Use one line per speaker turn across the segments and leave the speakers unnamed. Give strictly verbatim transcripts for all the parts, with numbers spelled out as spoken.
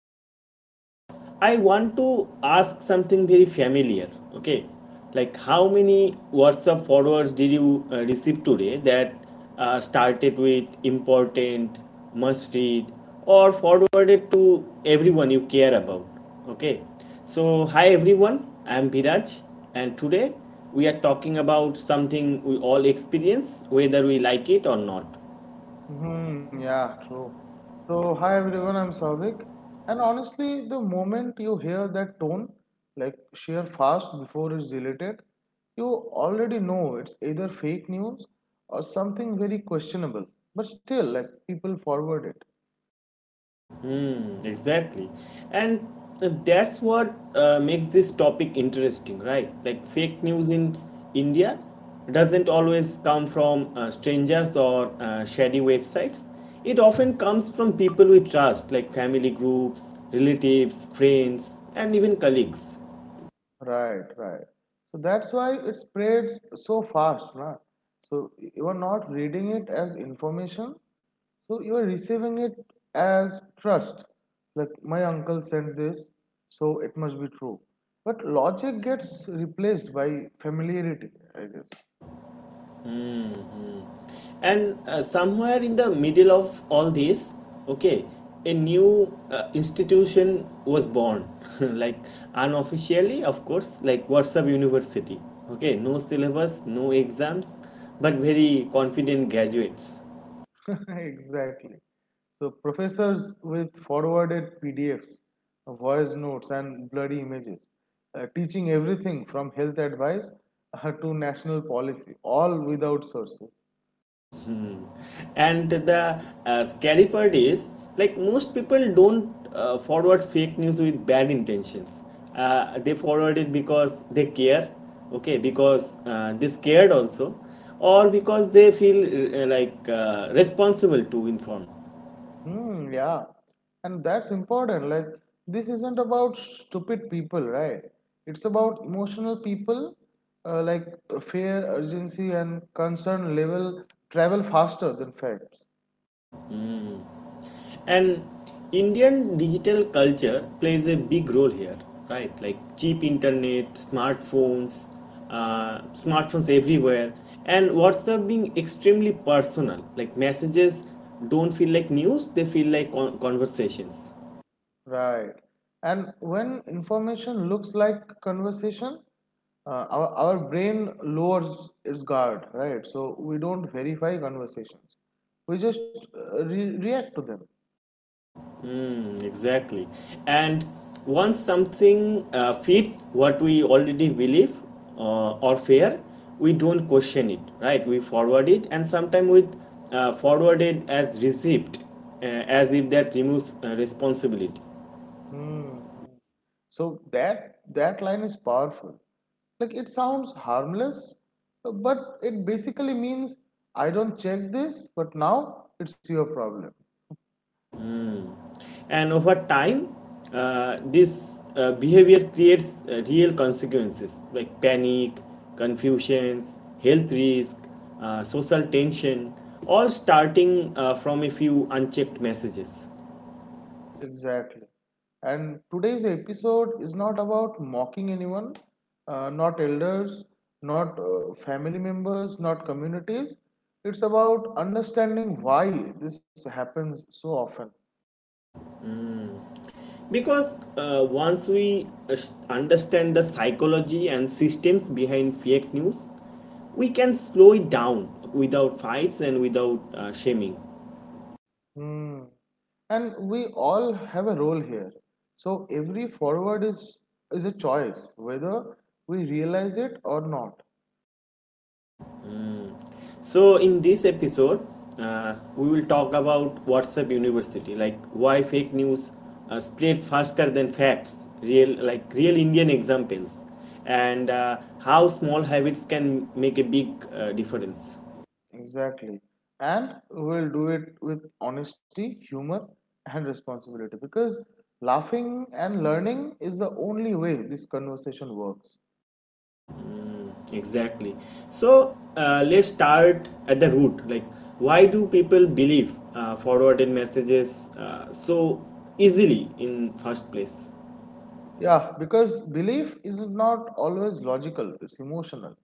fake news, I want to ask something very familiar. Okay, like how many WhatsApp forwards did you uh, receive today that uh, started with important, must read, or forwarded to everyone you care about? Okay, so hi everyone, I'm Viraj, and today we are talking about something we all experience, whether we like it or not.
Mm-hmm, yeah, true. So, hi everyone, I'm Savik. And honestly, the moment you hear that tone, like share fast before it's deleted, you already know it's either fake news or something very questionable. But still, like people forward it.
Mm. Exactly. And uh, that's what uh, makes this topic interesting, right? Like fake news in India doesn't always come from uh, strangers or uh, shady websites. It often comes from people we trust, like family groups, relatives, friends, and even colleagues.
Right, right. So that's why it spreads so fast, na? So you are not reading it as information, so you are receiving it as trust. Like my uncle sent this, so it must be true. But logic gets replaced by familiarity, I guess.
And uh, somewhere in the middle of all this, okay, a new uh, institution was born, like, unofficially of course, like WhatsApp University. Okay, no syllabus, no exams, but very confident graduates.
Exactly. So professors with forwarded P D Fs, voice notes, and bloody images, uh, teaching everything from health advice uh, to national policy, all without sources.
And the uh, scary part is, like, most people don't uh, forward fake news with bad intentions. Uh, they forward it because they care, okay, because uh, they scared also, or because they feel uh, like uh, responsible to inform.
Hmm, yeah. And that's important. Like, this isn't about stupid people, right? It's about emotional people, uh, like fair urgency and concern level travel faster than facts.
And Indian digital culture plays a big role here, right? Like cheap internet, smartphones, uh, smartphones everywhere, and WhatsApp being extremely personal. Like messages don't feel like news, they feel like con- conversations.
Right. And when information looks like conversation, uh, our, our brain lowers its guard, right? So we don't verify conversations. We just uh, re- react to them.
Exactly. And once something uh, fits what we already believe uh, or fear, we don't question it, right? We forward it, and sometimes with uh, forward as received, uh, as if that removes uh, responsibility.
Hmm. hmm. So that that line is powerful. Like it sounds harmless, but it basically means I don't check this, but now it's your problem.
And over time, uh, this uh, behavior creates uh, real consequences like panic, confusions, health risk, uh, social tension, all starting uh, from a few unchecked messages.
Exactly. And today's episode is not about mocking anyone, uh, not elders, not uh, family members, not communities. It's about understanding why this happens so often.
Because uh, once we uh, understand the psychology and systems behind fake news, we can slow it down without fights and without uh, shaming.
Hmm. And we all have a role here. So every forward is is a choice, whether we realize it or not.
So, in this episode, uh, we will talk about WhatsApp University, like why fake news uh, spreads faster than facts, real like real Indian examples, and uh, how small habits can make a big uh, difference.
Exactly. And we'll do it with honesty, humor, and responsibility because laughing and learning is the only way this conversation works.
Exactly. So uh, let's start at the root. Like, why do people believe uh, forwarded messages uh, so easily in first place?
Yeah, because belief is not always logical, it's emotional.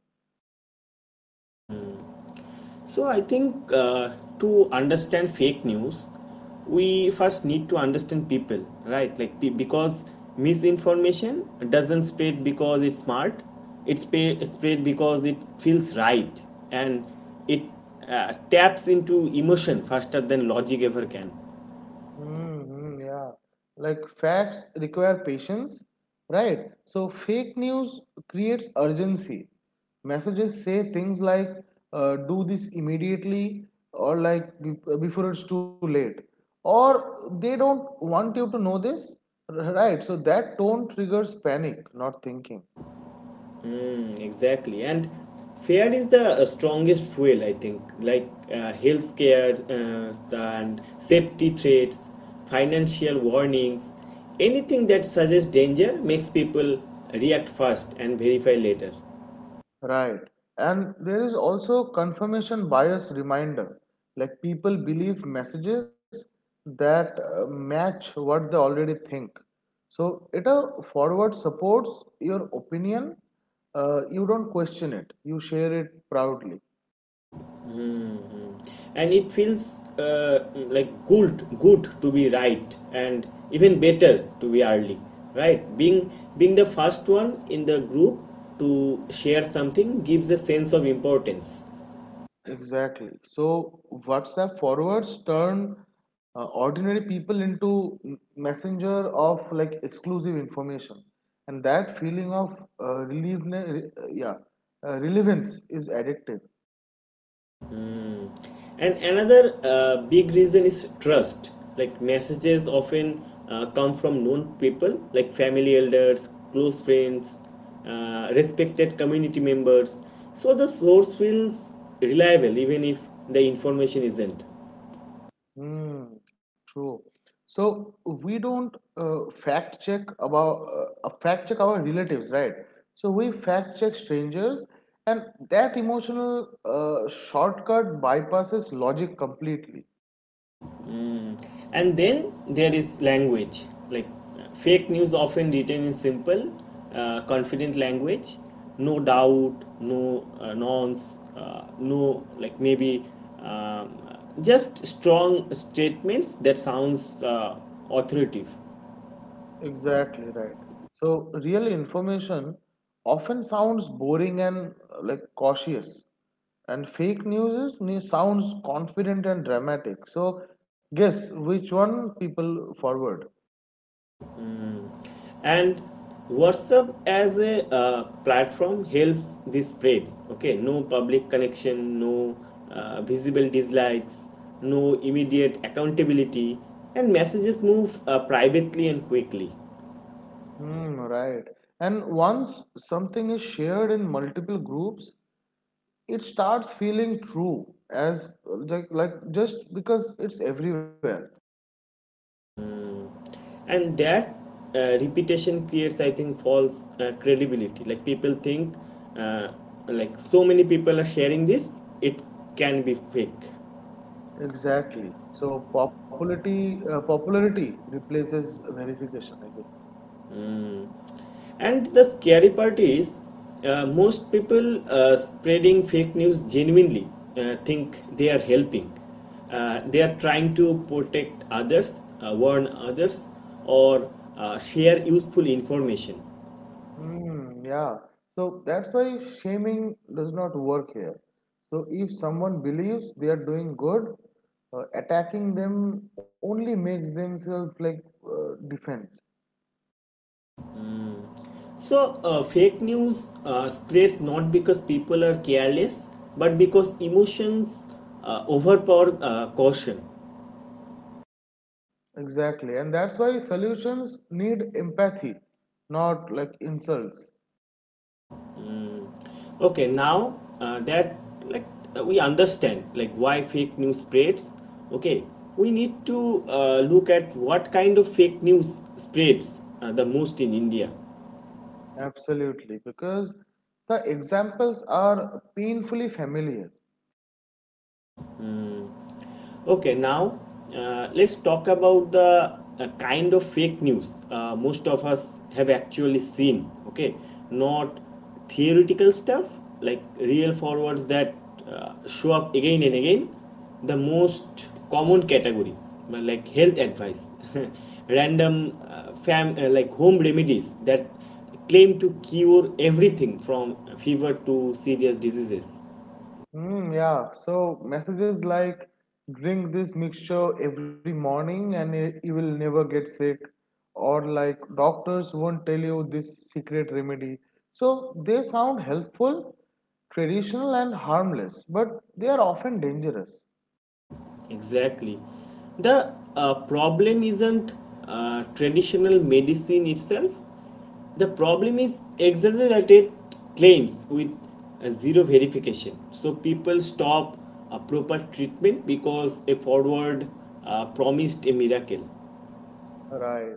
So I think, uh, to understand fake news, we first need to understand people, right? Like, pe- because misinformation doesn't spread because it's smart. It spa- spread because it feels right, and it uh, taps into emotion faster than logic ever can.
Mm, mm, yeah. Like facts require patience, right? So fake news creates urgency. Messages say things like uh, do this immediately or like be- before it's too late. Or they don't want you to know this, right? So that tone triggers panic, not thinking.
Exactly, and fear is the uh, strongest fuel, I think. Like uh, health care uh, and safety threats, financial warnings, anything that suggests danger makes people react fast and verify later.
Right. And there is also confirmation bias reminder. Like people believe messages that uh, match what they already think. So it a forward supports your opinion. Uh, you don't question it. You share it proudly.
And it feels uh, like good, good to be right, and even better to be early, right? Being being the first one in the group to share something gives a sense of importance.
Exactly. So WhatsApp forwards turn uh, ordinary people into m- messenger of like exclusive information, and that feeling of uh, relief, re- uh, yeah, uh, relevance is addictive.
And another uh, big reason is trust. Like messages often uh, come from known people, like family elders, close friends, uh, respected community members. So the source feels reliable even if the information isn't.
Hmm. True. So we don't uh, fact check about uh, uh, fact check our relatives, right? So we fact check strangers, and that emotional uh, shortcut bypasses logic completely.
And then there is language, like, uh, fake news often written in simple uh, confident language, no doubt, no uh, nonce uh, no like maybe, um, just strong statements that sounds uh, authoritative.
Exactly right. So real information often sounds boring and uh, like cautious, and fake news is, ne- sounds confident and dramatic. So guess which one people forward.
And WhatsApp as a uh, platform helps this spread. Okay, no public connection, no uh, visible dislikes, no immediate accountability, and messages move uh, privately and quickly.
Hmm, right. And once something is shared in multiple groups, it starts feeling true as uh, like, like just because it's everywhere.
And that uh, repetition creates, I think, false uh, credibility. Like people think, uh, like, so many people are sharing this, it can be fake.
Exactly. So popularity uh, popularity replaces verification, I guess.
And the scary part is, uh, most people uh, spreading fake news genuinely uh, think they are helping. Uh, they are trying to protect others, uh, warn others, or uh, share useful information.
Mm, yeah. So that's why shaming does not work here. So if someone believes they are doing good, uh, attacking them only makes themselves like uh, defense.
So, uh, fake news uh, spreads not because people are careless, but because emotions uh, overpower uh, caution.
Exactly. And that's why solutions need empathy, not like insults.
Okay, now uh, that, like, uh, we understand like why fake news spreads. Okay, we need to uh, look at what kind of fake news spreads uh, the most in India.
Absolutely. Because the examples are painfully familiar.
Okay, now uh, let's talk about the uh, kind of fake news uh, most of us have actually seen. Okay, not theoretical stuff, like real forwards that uh, show up again and again. The most common category, uh, like health advice, random uh, fam uh, like home remedies that claim to cure everything from fever to serious diseases.
Mm, yeah. So messages like drink this mixture every morning and y- you will never get sick, or like doctors won't tell you this secret remedy. So they sound helpful, traditional, and harmless, but they are often dangerous.
Exactly. The uh, problem isn't uh, traditional medicine itself. The problem is exaggerated claims with uh, zero verification. So people stop a proper treatment because a forward uh, promised a miracle.
Right.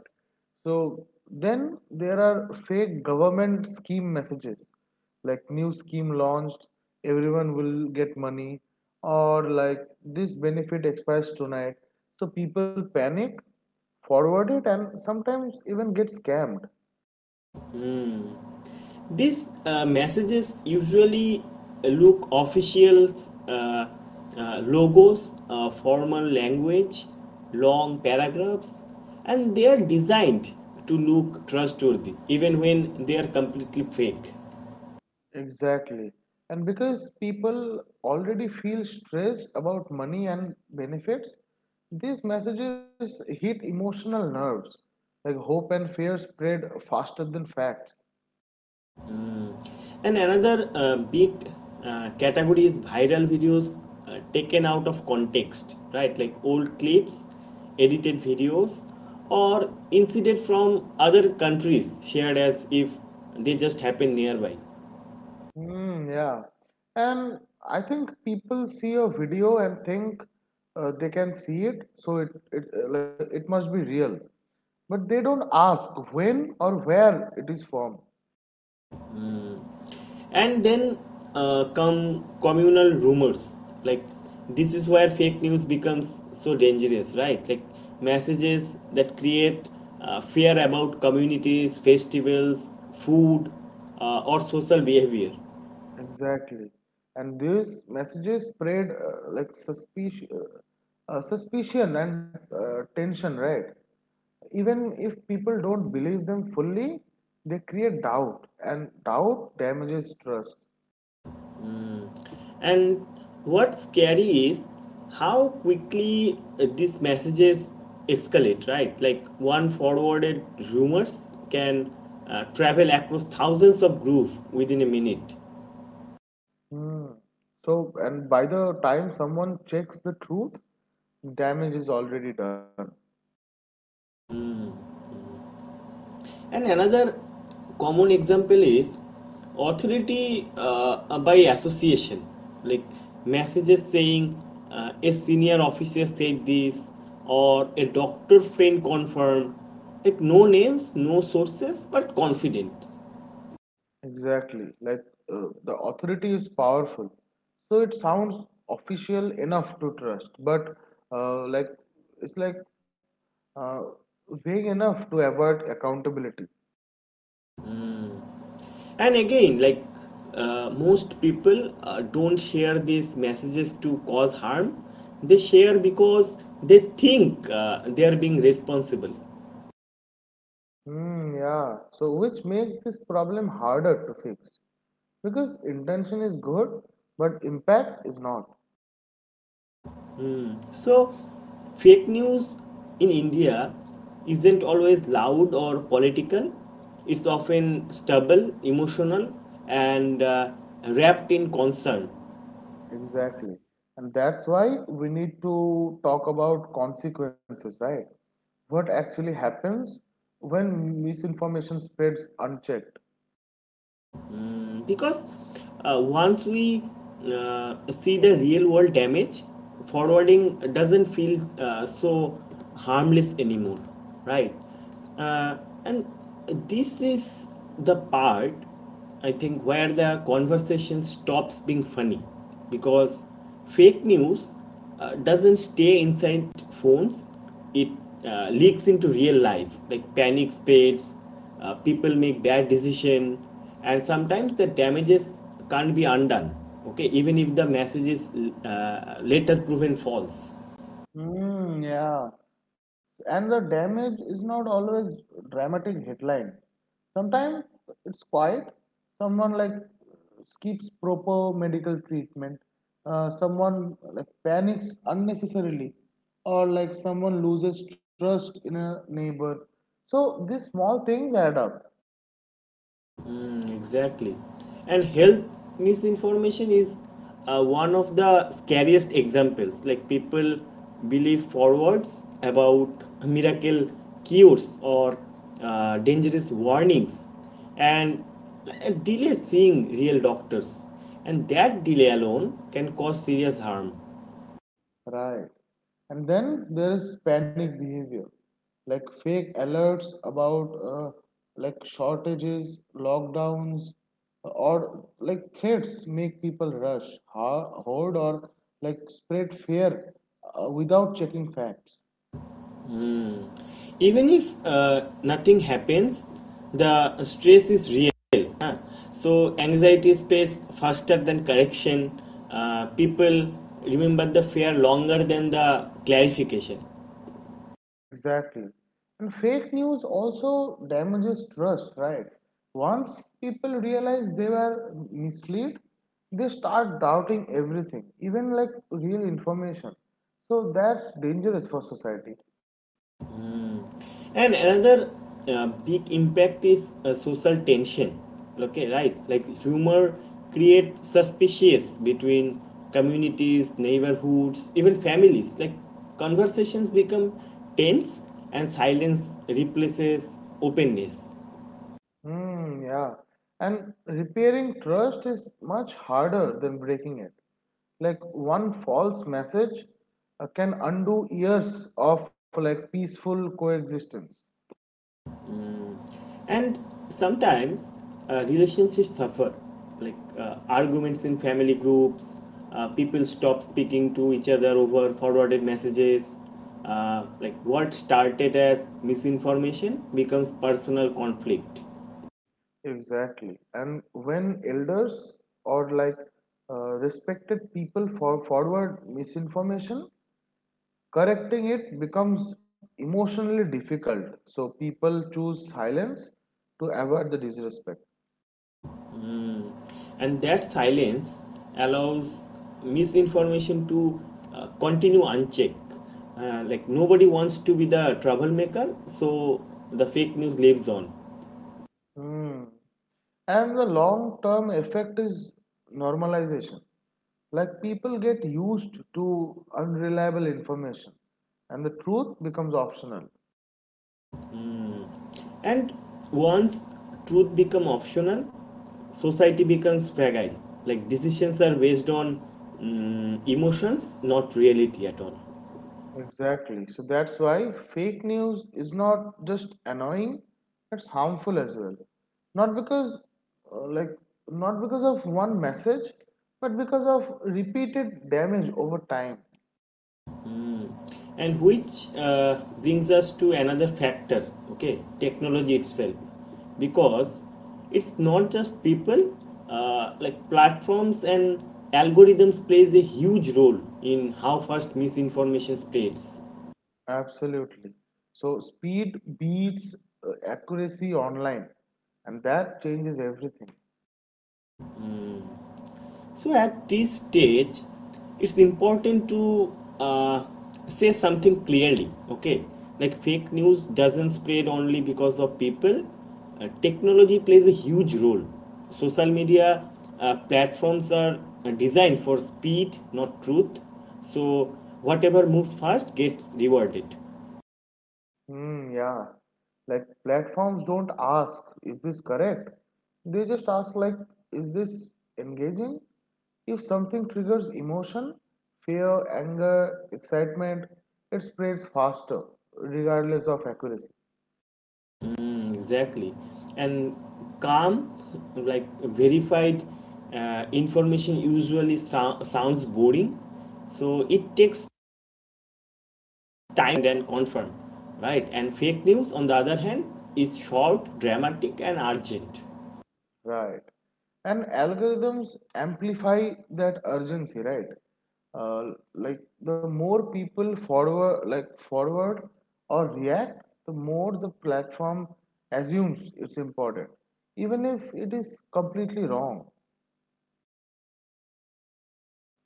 So then there are fake government scheme messages like new scheme launched, everyone will get money, or like this benefit expires tonight. So people panic, forward it, and sometimes even get scammed.
These uh, messages usually look official, uh, uh, logos, uh, formal language, long paragraphs, and they are designed to look trustworthy even when they are completely fake.
Exactly. And because people already feel stressed about money and benefits, these messages hit emotional nerves. Like hope and fear spread faster than facts.
And another uh, big uh, category is viral videos uh, taken out of context, right? Like old clips, edited videos, or incident from other countries shared as if they just happen nearby.
Hmm, yeah. And I think people see a video and think uh, they can see it, so it, it, uh, like, it must be real. But they don't ask when or where it is from.
And then uh, come communal rumors. Like, this is where fake news becomes so dangerous, right? Like, messages that create uh, fear about communities, festivals, food, uh, or social behavior.
Exactly. And these messages spread uh, like suspicion, uh, suspicion and uh, tension, right? Even if people don't believe them fully, they create doubt, and doubt damages trust.
And what's scary is how quickly uh, these messages escalate, right? Like, one forwarded rumors can uh, travel across thousands of groups within a minute.
Hmm. So, and by the time someone checks the truth, damage is already done.
And another common example is authority uh, by association, like messages saying uh, a senior officer said this, or a doctor friend confirmed. Like no names, no sources, but confidence.
Exactly. Like uh, the authority is powerful. So it sounds official enough to trust, but uh, like it's like uh, vague enough to avert accountability.
And again, like, uh, most people uh, don't share these messages to cause harm. They share because they think uh, they are being responsible.
Hmm, yeah. So, which makes this problem harder to fix because intention is good, but impact is not.
So, fake news in India isn't always loud or political, it's often stubborn, emotional, and uh, wrapped in concern.
Exactly. And that's why we need to talk about consequences, right? What actually happens when misinformation spreads unchecked?
Problem, because uh, once we uh, see the real world damage, forwarding doesn't feel uh, so harmless anymore, right? uh, and this is the part, I think, where the conversation stops being funny, because fake news uh, doesn't stay inside phones. It uh, leaks into real life. Like panic spreads, uh, people make bad decision, and sometimes the damages can't be undone, okay, even if the message is uh, later proven false.
Mm, yeah. And the damage is not always dramatic headlines. Sometimes it's quiet. Someone like skips proper medical treatment. Uh, someone like panics unnecessarily, or like someone loses trust in a neighbor. So these small things add up.
Mm, exactly. And health misinformation is uh, one of the scariest examples. Like people believe forwards about miracle cures or uh, dangerous warnings, and uh, delay seeing real doctors. And that delay alone can cause serious harm.
Right. And then there is panic behavior, like fake alerts about uh, like shortages, lockdowns, or like threats make people rush, ho- hoard, or like spread fear uh, without checking facts.
Even if uh, nothing happens, the stress is real, huh? So anxiety spreads faster than correction. Uh, people remember the fear longer than the clarification.
Exactly. And fake news also damages trust, right? Once people realize they were misled, they start doubting everything, even like real information. So that's dangerous for society.
And another uh, big impact is uh, social tension, okay, right? Like rumor creates suspicious between communities, neighborhoods, even families. Like conversations become tense, and silence replaces openness.
Hmm, yeah. And repairing trust is much harder than breaking it. Like one false message uh, can undo years of like peaceful coexistence.
And sometimes uh, relationships suffer. Like uh, arguments in family groups, uh, people stop speaking to each other over forwarded messages. Uh, like what started as misinformation becomes personal conflict.
Exactly. And when elders or like uh, respected people for forward misinformation, correcting it becomes emotionally difficult. So people choose silence to avoid the disrespect.
And that silence allows misinformation to uh, continue unchecked. Uh, like nobody wants to be the troublemaker, so the fake news lives on.
Hmm. And the long term effect is normalization. Like people get used to unreliable information and the truth becomes optional.
And once truth becomes optional, society becomes fragile. Like decisions are based on, mm, emotions, not reality at all.
Exactly. So that's why fake news is not just annoying, it's harmful as well. Not because, uh, like, not because of one message, but because of repeated damage over time.
And which uh, brings us to another factor, okay, technology itself, because it's not just people, uh, like platforms and algorithms plays a huge role in how fast misinformation spreads.
Absolutely. So speed beats uh, accuracy online, and that changes everything.
So at this stage, it's important to uh, say something clearly. Okay, like fake news doesn't spread only because of people. Uh, technology plays a huge role. Social media uh, platforms are uh, designed for speed, not truth. So whatever moves fast gets rewarded.
Hmm, yeah. Like platforms don't ask, is this correct? They just ask like, is this engaging? If something triggers emotion, fear, anger, excitement, it spreads faster, regardless of accuracy.
Exactly. And calm, like verified uh, information usually sou- sounds boring. So it takes time and confirm, right? And fake news, on the other hand, is short, dramatic, and urgent.
Right. And algorithms amplify that urgency, right? Uh, like the more people forward, like forward or react, the more the platform assumes it's important, even if it is completely wrong.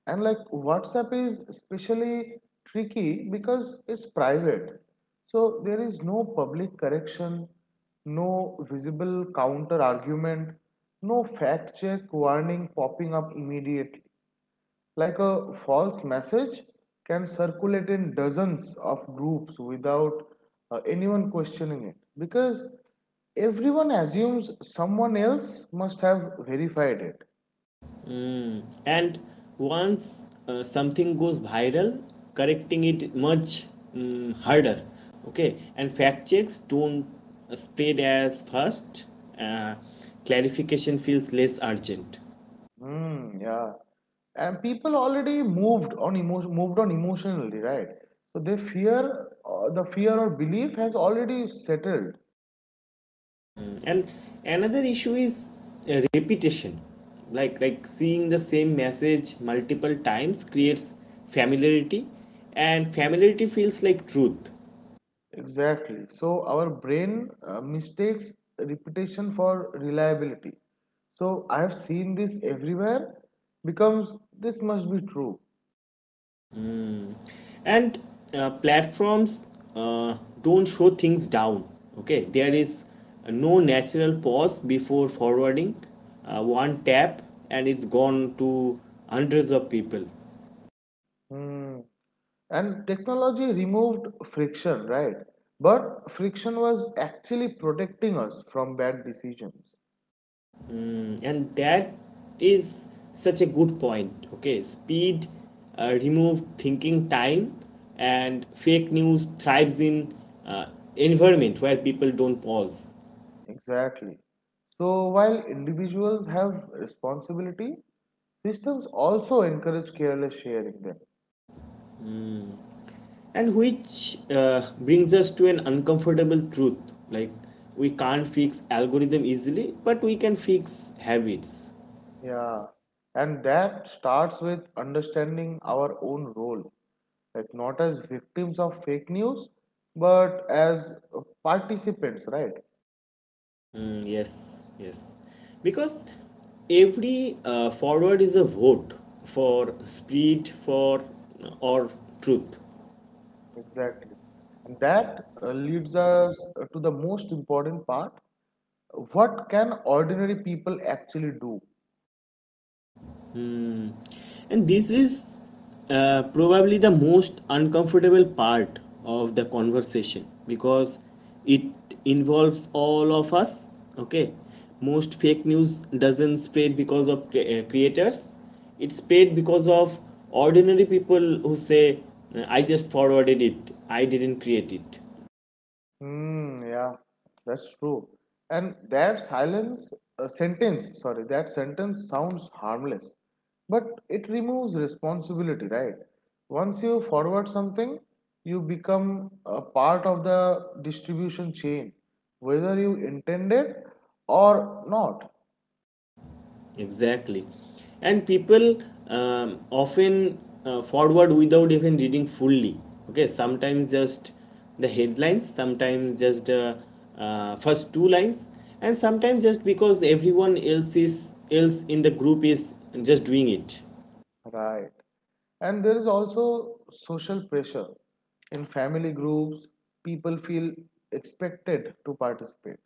And like WhatsApp is especially tricky because it's private. So there is no public correction, no visible counter argument, no fact check warning popping up immediately. Like a false message can circulate in dozens of groups without uh, anyone questioning it because everyone assumes someone else must have verified it.
And once uh, something goes viral, correcting it much, mm, harder. Okay, and fact checks don't spread as fast. Uh, Clarification feels less urgent.
Mm, yeah. And people already moved on emotion, moved on emotionally, right? So they fear, uh, the fear or belief has already settled.
And another issue is uh, repetition. Like like seeing the same message multiple times creates familiarity, and familiarity feels like truth.
Exactly. So our brain uh, mistakes repetition for reliability. So I have seen this everywhere. Becomes this must be true.
And uh, platforms uh, don't show things down. Okay, there is no natural pause before forwarding. Uh, one tap, and it's gone to hundreds of people.
Hmm. And technology removed friction, right? But friction was actually protecting us from bad decisions.
And that is such a good point. Okay, speed uh, remove thinking time, and fake news thrives in uh, environment where people don't pause.
Exactly. So while individuals have responsibility, systems also encourage careless sharing them.
And which uh, brings us to an uncomfortable truth, like, we can't fix algorithm easily, but we can fix habits.
Yeah. And that starts with understanding our own role, like not as victims of fake news, but as uh, participants, right?
Mm, yes yes, because every uh, forward is a vote for speed, for or truth.
Exactly. And that uh, leads us to the most important part. What can ordinary people actually do?
Mm. And this is uh, probably the most uncomfortable part of the conversation, because it involves all of us. Okay, most fake news doesn't spread because of cre- uh, creators, it spread because of ordinary people who say, I just forwarded it, I didn't create it.
Hmm, yeah, that's true. And that silence, uh, sentence, sorry, that sentence sounds harmless, but it removes responsibility, right? Once you forward something, you become a part of the distribution chain, whether you intend it or not.
Exactly. And people um, often uh, forward without even reading fully. Okay, sometimes just the headlines, sometimes just the uh, first two lines, and sometimes just because everyone else is else in the group is just doing it.
Right. And there is also social pressure. In family groups, people feel expected to participate.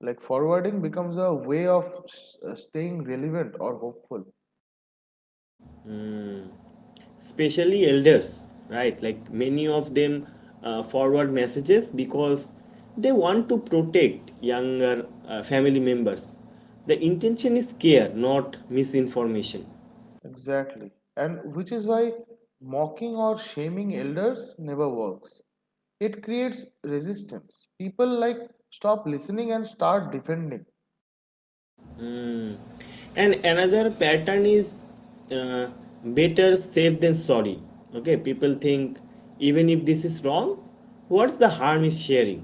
Like forwarding becomes a way of s- uh, staying relevant or hopeful.
Especially elders, right? Like many of them uh, forward messages because they want to protect younger uh, family members. The intention is care, not misinformation.
Exactly. And which is why mocking or shaming elders never works. It creates resistance. People like stop listening and start defending.
And another pattern is uh, better safe than sorry. Okay, people think, even if this is wrong, what's the harm is sharing,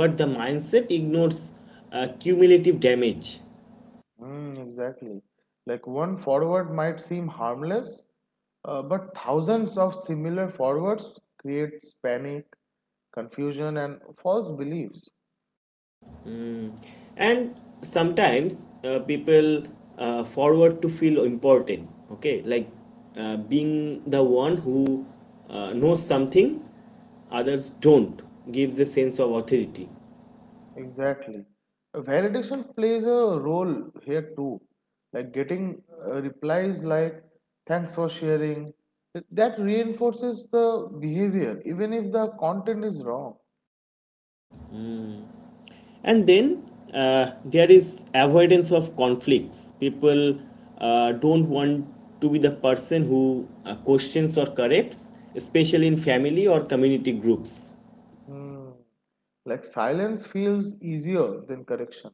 but the mindset ignores uh, cumulative damage.
Mm, exactly. Like one forward might seem harmless, uh, but thousands of similar forwards creates panic, confusion, and false beliefs.
And sometimes uh, people uh, forward to feel important. Okay, like uh, being the one who uh, knows something others don't gives a sense of authority.
Exactly. Validation plays a role here too. Like getting uh, replies like "Thanks for sharing," that reinforces the behavior, even if the content is wrong.
And then uh, there is avoidance of conflicts. People uh, don't want to be the person who uh, questions or corrects, especially in family or community groups.
Hmm. Like silence feels easier than correction.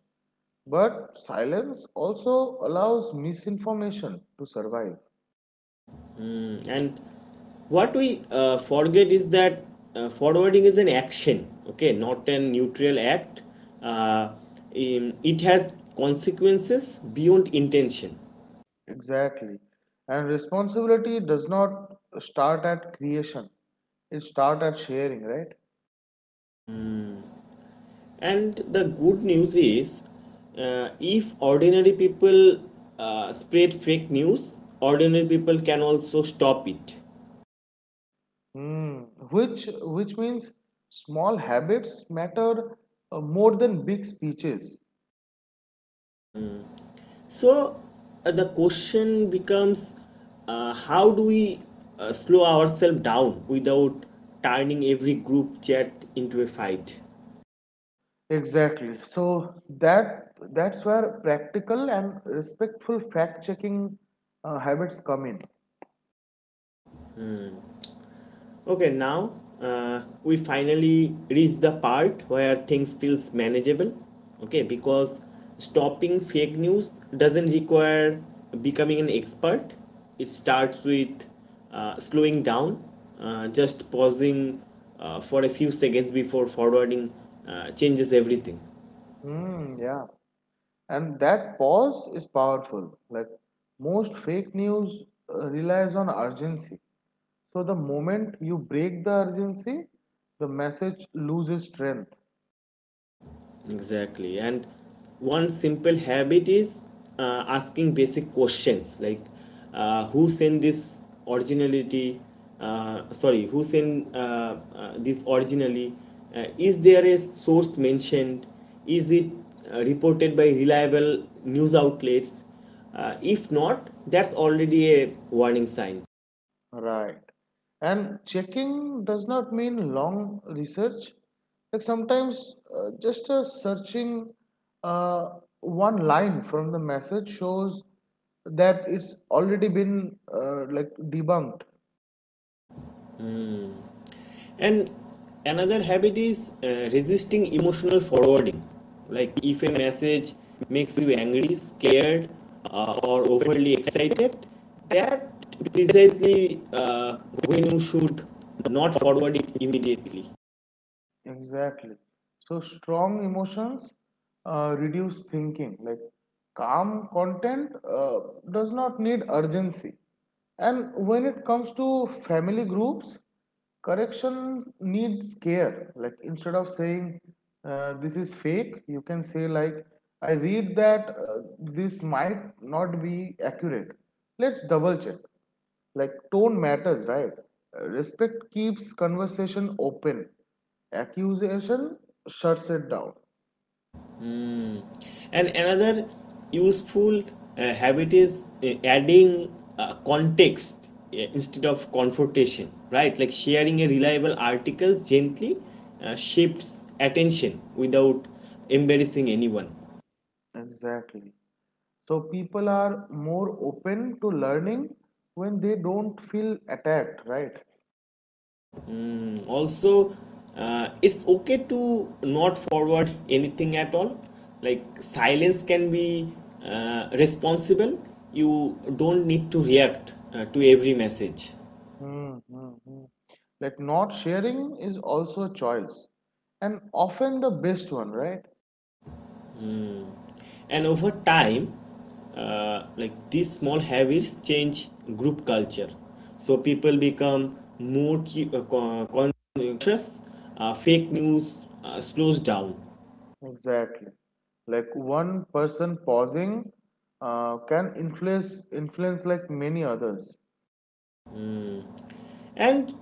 But silence also allows misinformation to survive.
Hmm. And what we uh, forget is that uh, forwarding is an action, okay, not a neutral act. Uh, in- it has consequences beyond intention.
Exactly. And responsibility does not start at creation. It starts at sharing, right?
And the good news is, uh, if ordinary people uh, spread fake news, ordinary people can also stop it.
Hmm. Which which means small habits matter uh, more than big speeches.
So uh, the question becomes, uh, how do we uh, slow ourselves down without turning every group chat into a fight?
Exactly. So that that's where practical and respectful fact checking uh, habits come in.
Okay, now uh, we finally reach the part where things feels manageable. Okay, because stopping fake news doesn't require becoming an expert. It starts with uh, slowing down, uh, just pausing uh, for a few seconds before forwarding uh, changes everything.
Hmm, yeah. And that pause is powerful. Like most fake news uh, relies on urgency, so the moment you break the urgency, the message loses strength,
Exactly. And one simple habit is uh, asking basic questions like, uh, who sent this originality? Uh, sorry, who sent uh, uh, this originally? Uh, is there a source mentioned? Is it uh, reported by reliable news outlets? Uh, if not, that's already a warning sign.
right? And checking does not mean long research. Like sometimes uh, just a searching uh, one line from the message shows that it's already been uh, like debunked.
And another habit is uh, resisting emotional forwarding. Like if a message makes you angry, scared, uh, or overly excited, that precisely uh, when you should not forward it immediately.
Exactly. So strong emotions uh, reduce thinking. Like calm content uh, does not need urgency. And when it comes to family groups, correction needs care. Like instead of saying uh, this is fake, you can say like I read that uh, this might not be accurate. Let's double check. Like tone matters, right? Uh, respect keeps conversation open, accusation shuts it down.
And another useful uh, habit is uh, adding uh, context uh, instead of confrontation, right? Like sharing a reliable article gently uh, shifts attention without embarrassing anyone.
Exactly, so people are more open to learning when they don't feel attacked, right?
Mm, also, uh, it's okay to not forward anything at all. Like silence can be uh, responsible. You don't need to react uh, to every message.
Hmm, hmm, hmm. Like not sharing is also a choice, and often the best one, right?
And over time, uh, like these small habits change group culture, so people become more uh, conscious, uh, fake news uh, slows down.
Exactly. Like one person pausing uh, can influence influence like many others.
And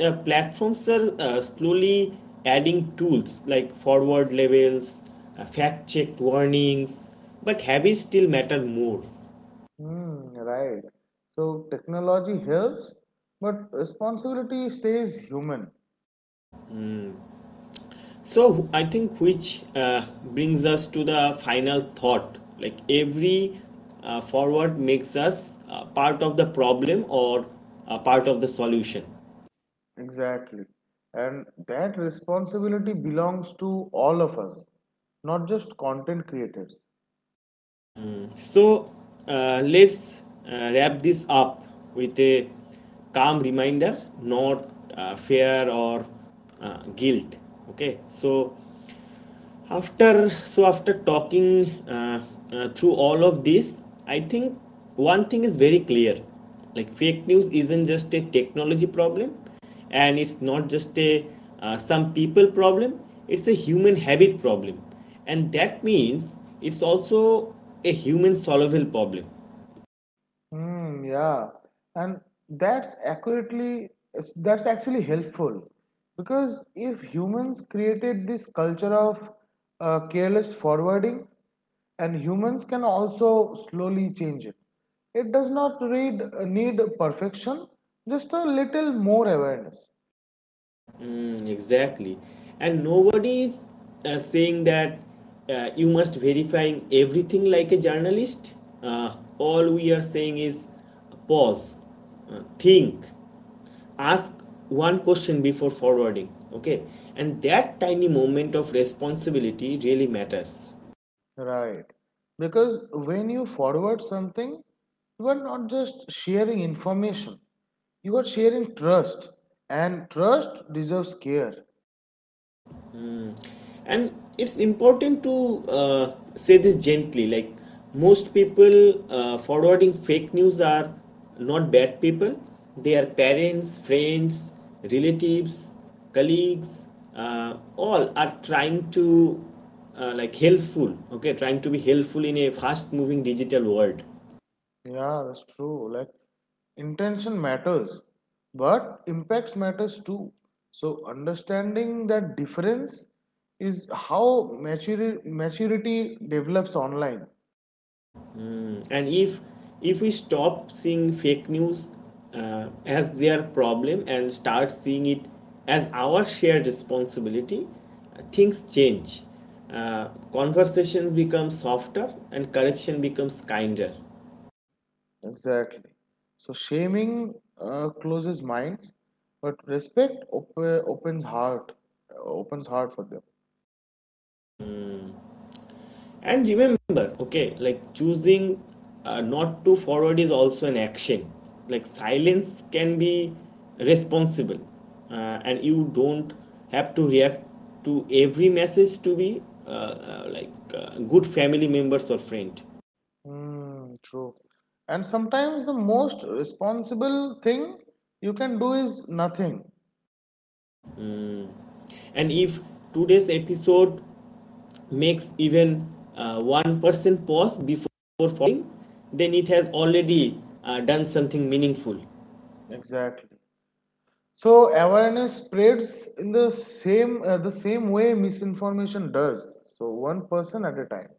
uh, platforms are uh, slowly adding tools like forward labels, uh, fact checked warnings, but habits still matter more.
Hmm, right. So technology helps, but responsibility stays human.
So I think which uh, brings us to the final thought. Like every uh, forward makes us uh, part of the problem or uh, part of the solution.
Exactly. And that responsibility belongs to all of us, not just content creators.
So uh, let's uh, wrap this up with a calm reminder, not uh, fear or uh, guilt. Okay, so after so after talking uh, uh, through all of this, I think one thing is very clear. Like fake news isn't just a technology problem, and it's not just a uh, some people problem, it's a human habit problem. And that means it's also a human solvable problem.
Hmm, yeah, and that's accurately that's actually helpful, because if humans created this culture of uh, careless forwarding, and humans can also slowly change it. It does not read, need perfection, just a little more awareness.
Mm, exactly. And nobody is uh, saying that uh, you must verifying everything like a journalist. Uh, all we are saying is pause, uh, think, ask one question before forwarding. Okay. And that tiny moment of responsibility really matters.
Right. Because when you forward something, you are not just sharing information, you are sharing trust, and trust deserves care.
And it's important to uh, say this gently. Like most people uh, forwarding fake news are not bad people, they are parents, friends, relatives, colleagues, uh, all are trying to uh, like helpful. Okay, trying to be helpful in a fast moving digital world.
Yeah, that's true. Like, intention matters, but impacts matters too. So, understanding that difference is how maturity maturity develops online.
Mm. And if if we stop seeing fake news uh, as their problem and start seeing it as our shared responsibility, uh, things change. Uh, conversations become softer and correction becomes kinder.
Exactly. So shaming uh, closes minds, but respect op- opens heart, uh, opens heart for them.
And remember, okay, like choosing uh, not to forward is also an action. Like silence can be responsible, uh, and you don't have to react to every message to be uh, uh, like uh, good family members or friend.
Hmm, true. And sometimes the most responsible thing you can do is nothing.
And if today's episode makes even uh, one person pause before falling, then it has already uh, done something meaningful.
Exactly. So awareness spreads in the same uh, the same way misinformation does. So one person at a time.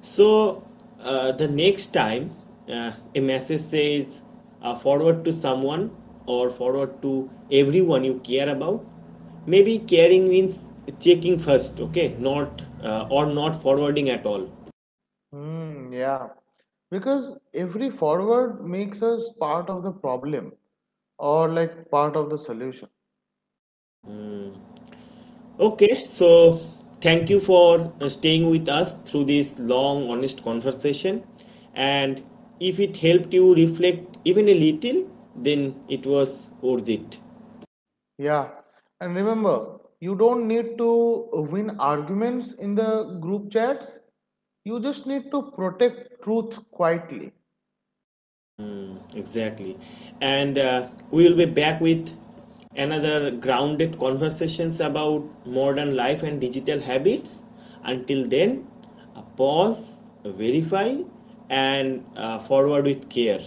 So uh, the next time uh, a message says uh, forward to someone or forward to everyone you care about, maybe caring means checking first, okay, not uh, or not forwarding at all.
Hmm, yeah. Because every forward makes us part of the problem or like part of the solution.
Okay, so thank you for uh, staying with us through this long, honest conversation. And if it helped you reflect even a little, then it was worth it.
Yeah. And remember, you don't need to win arguments in the group chats. You just need to protect truth quietly.
Exactly. And uh, we will be back with another grounded conversations about modern life and digital habits. Until then, uh, pause, verify, and uh, forward with care.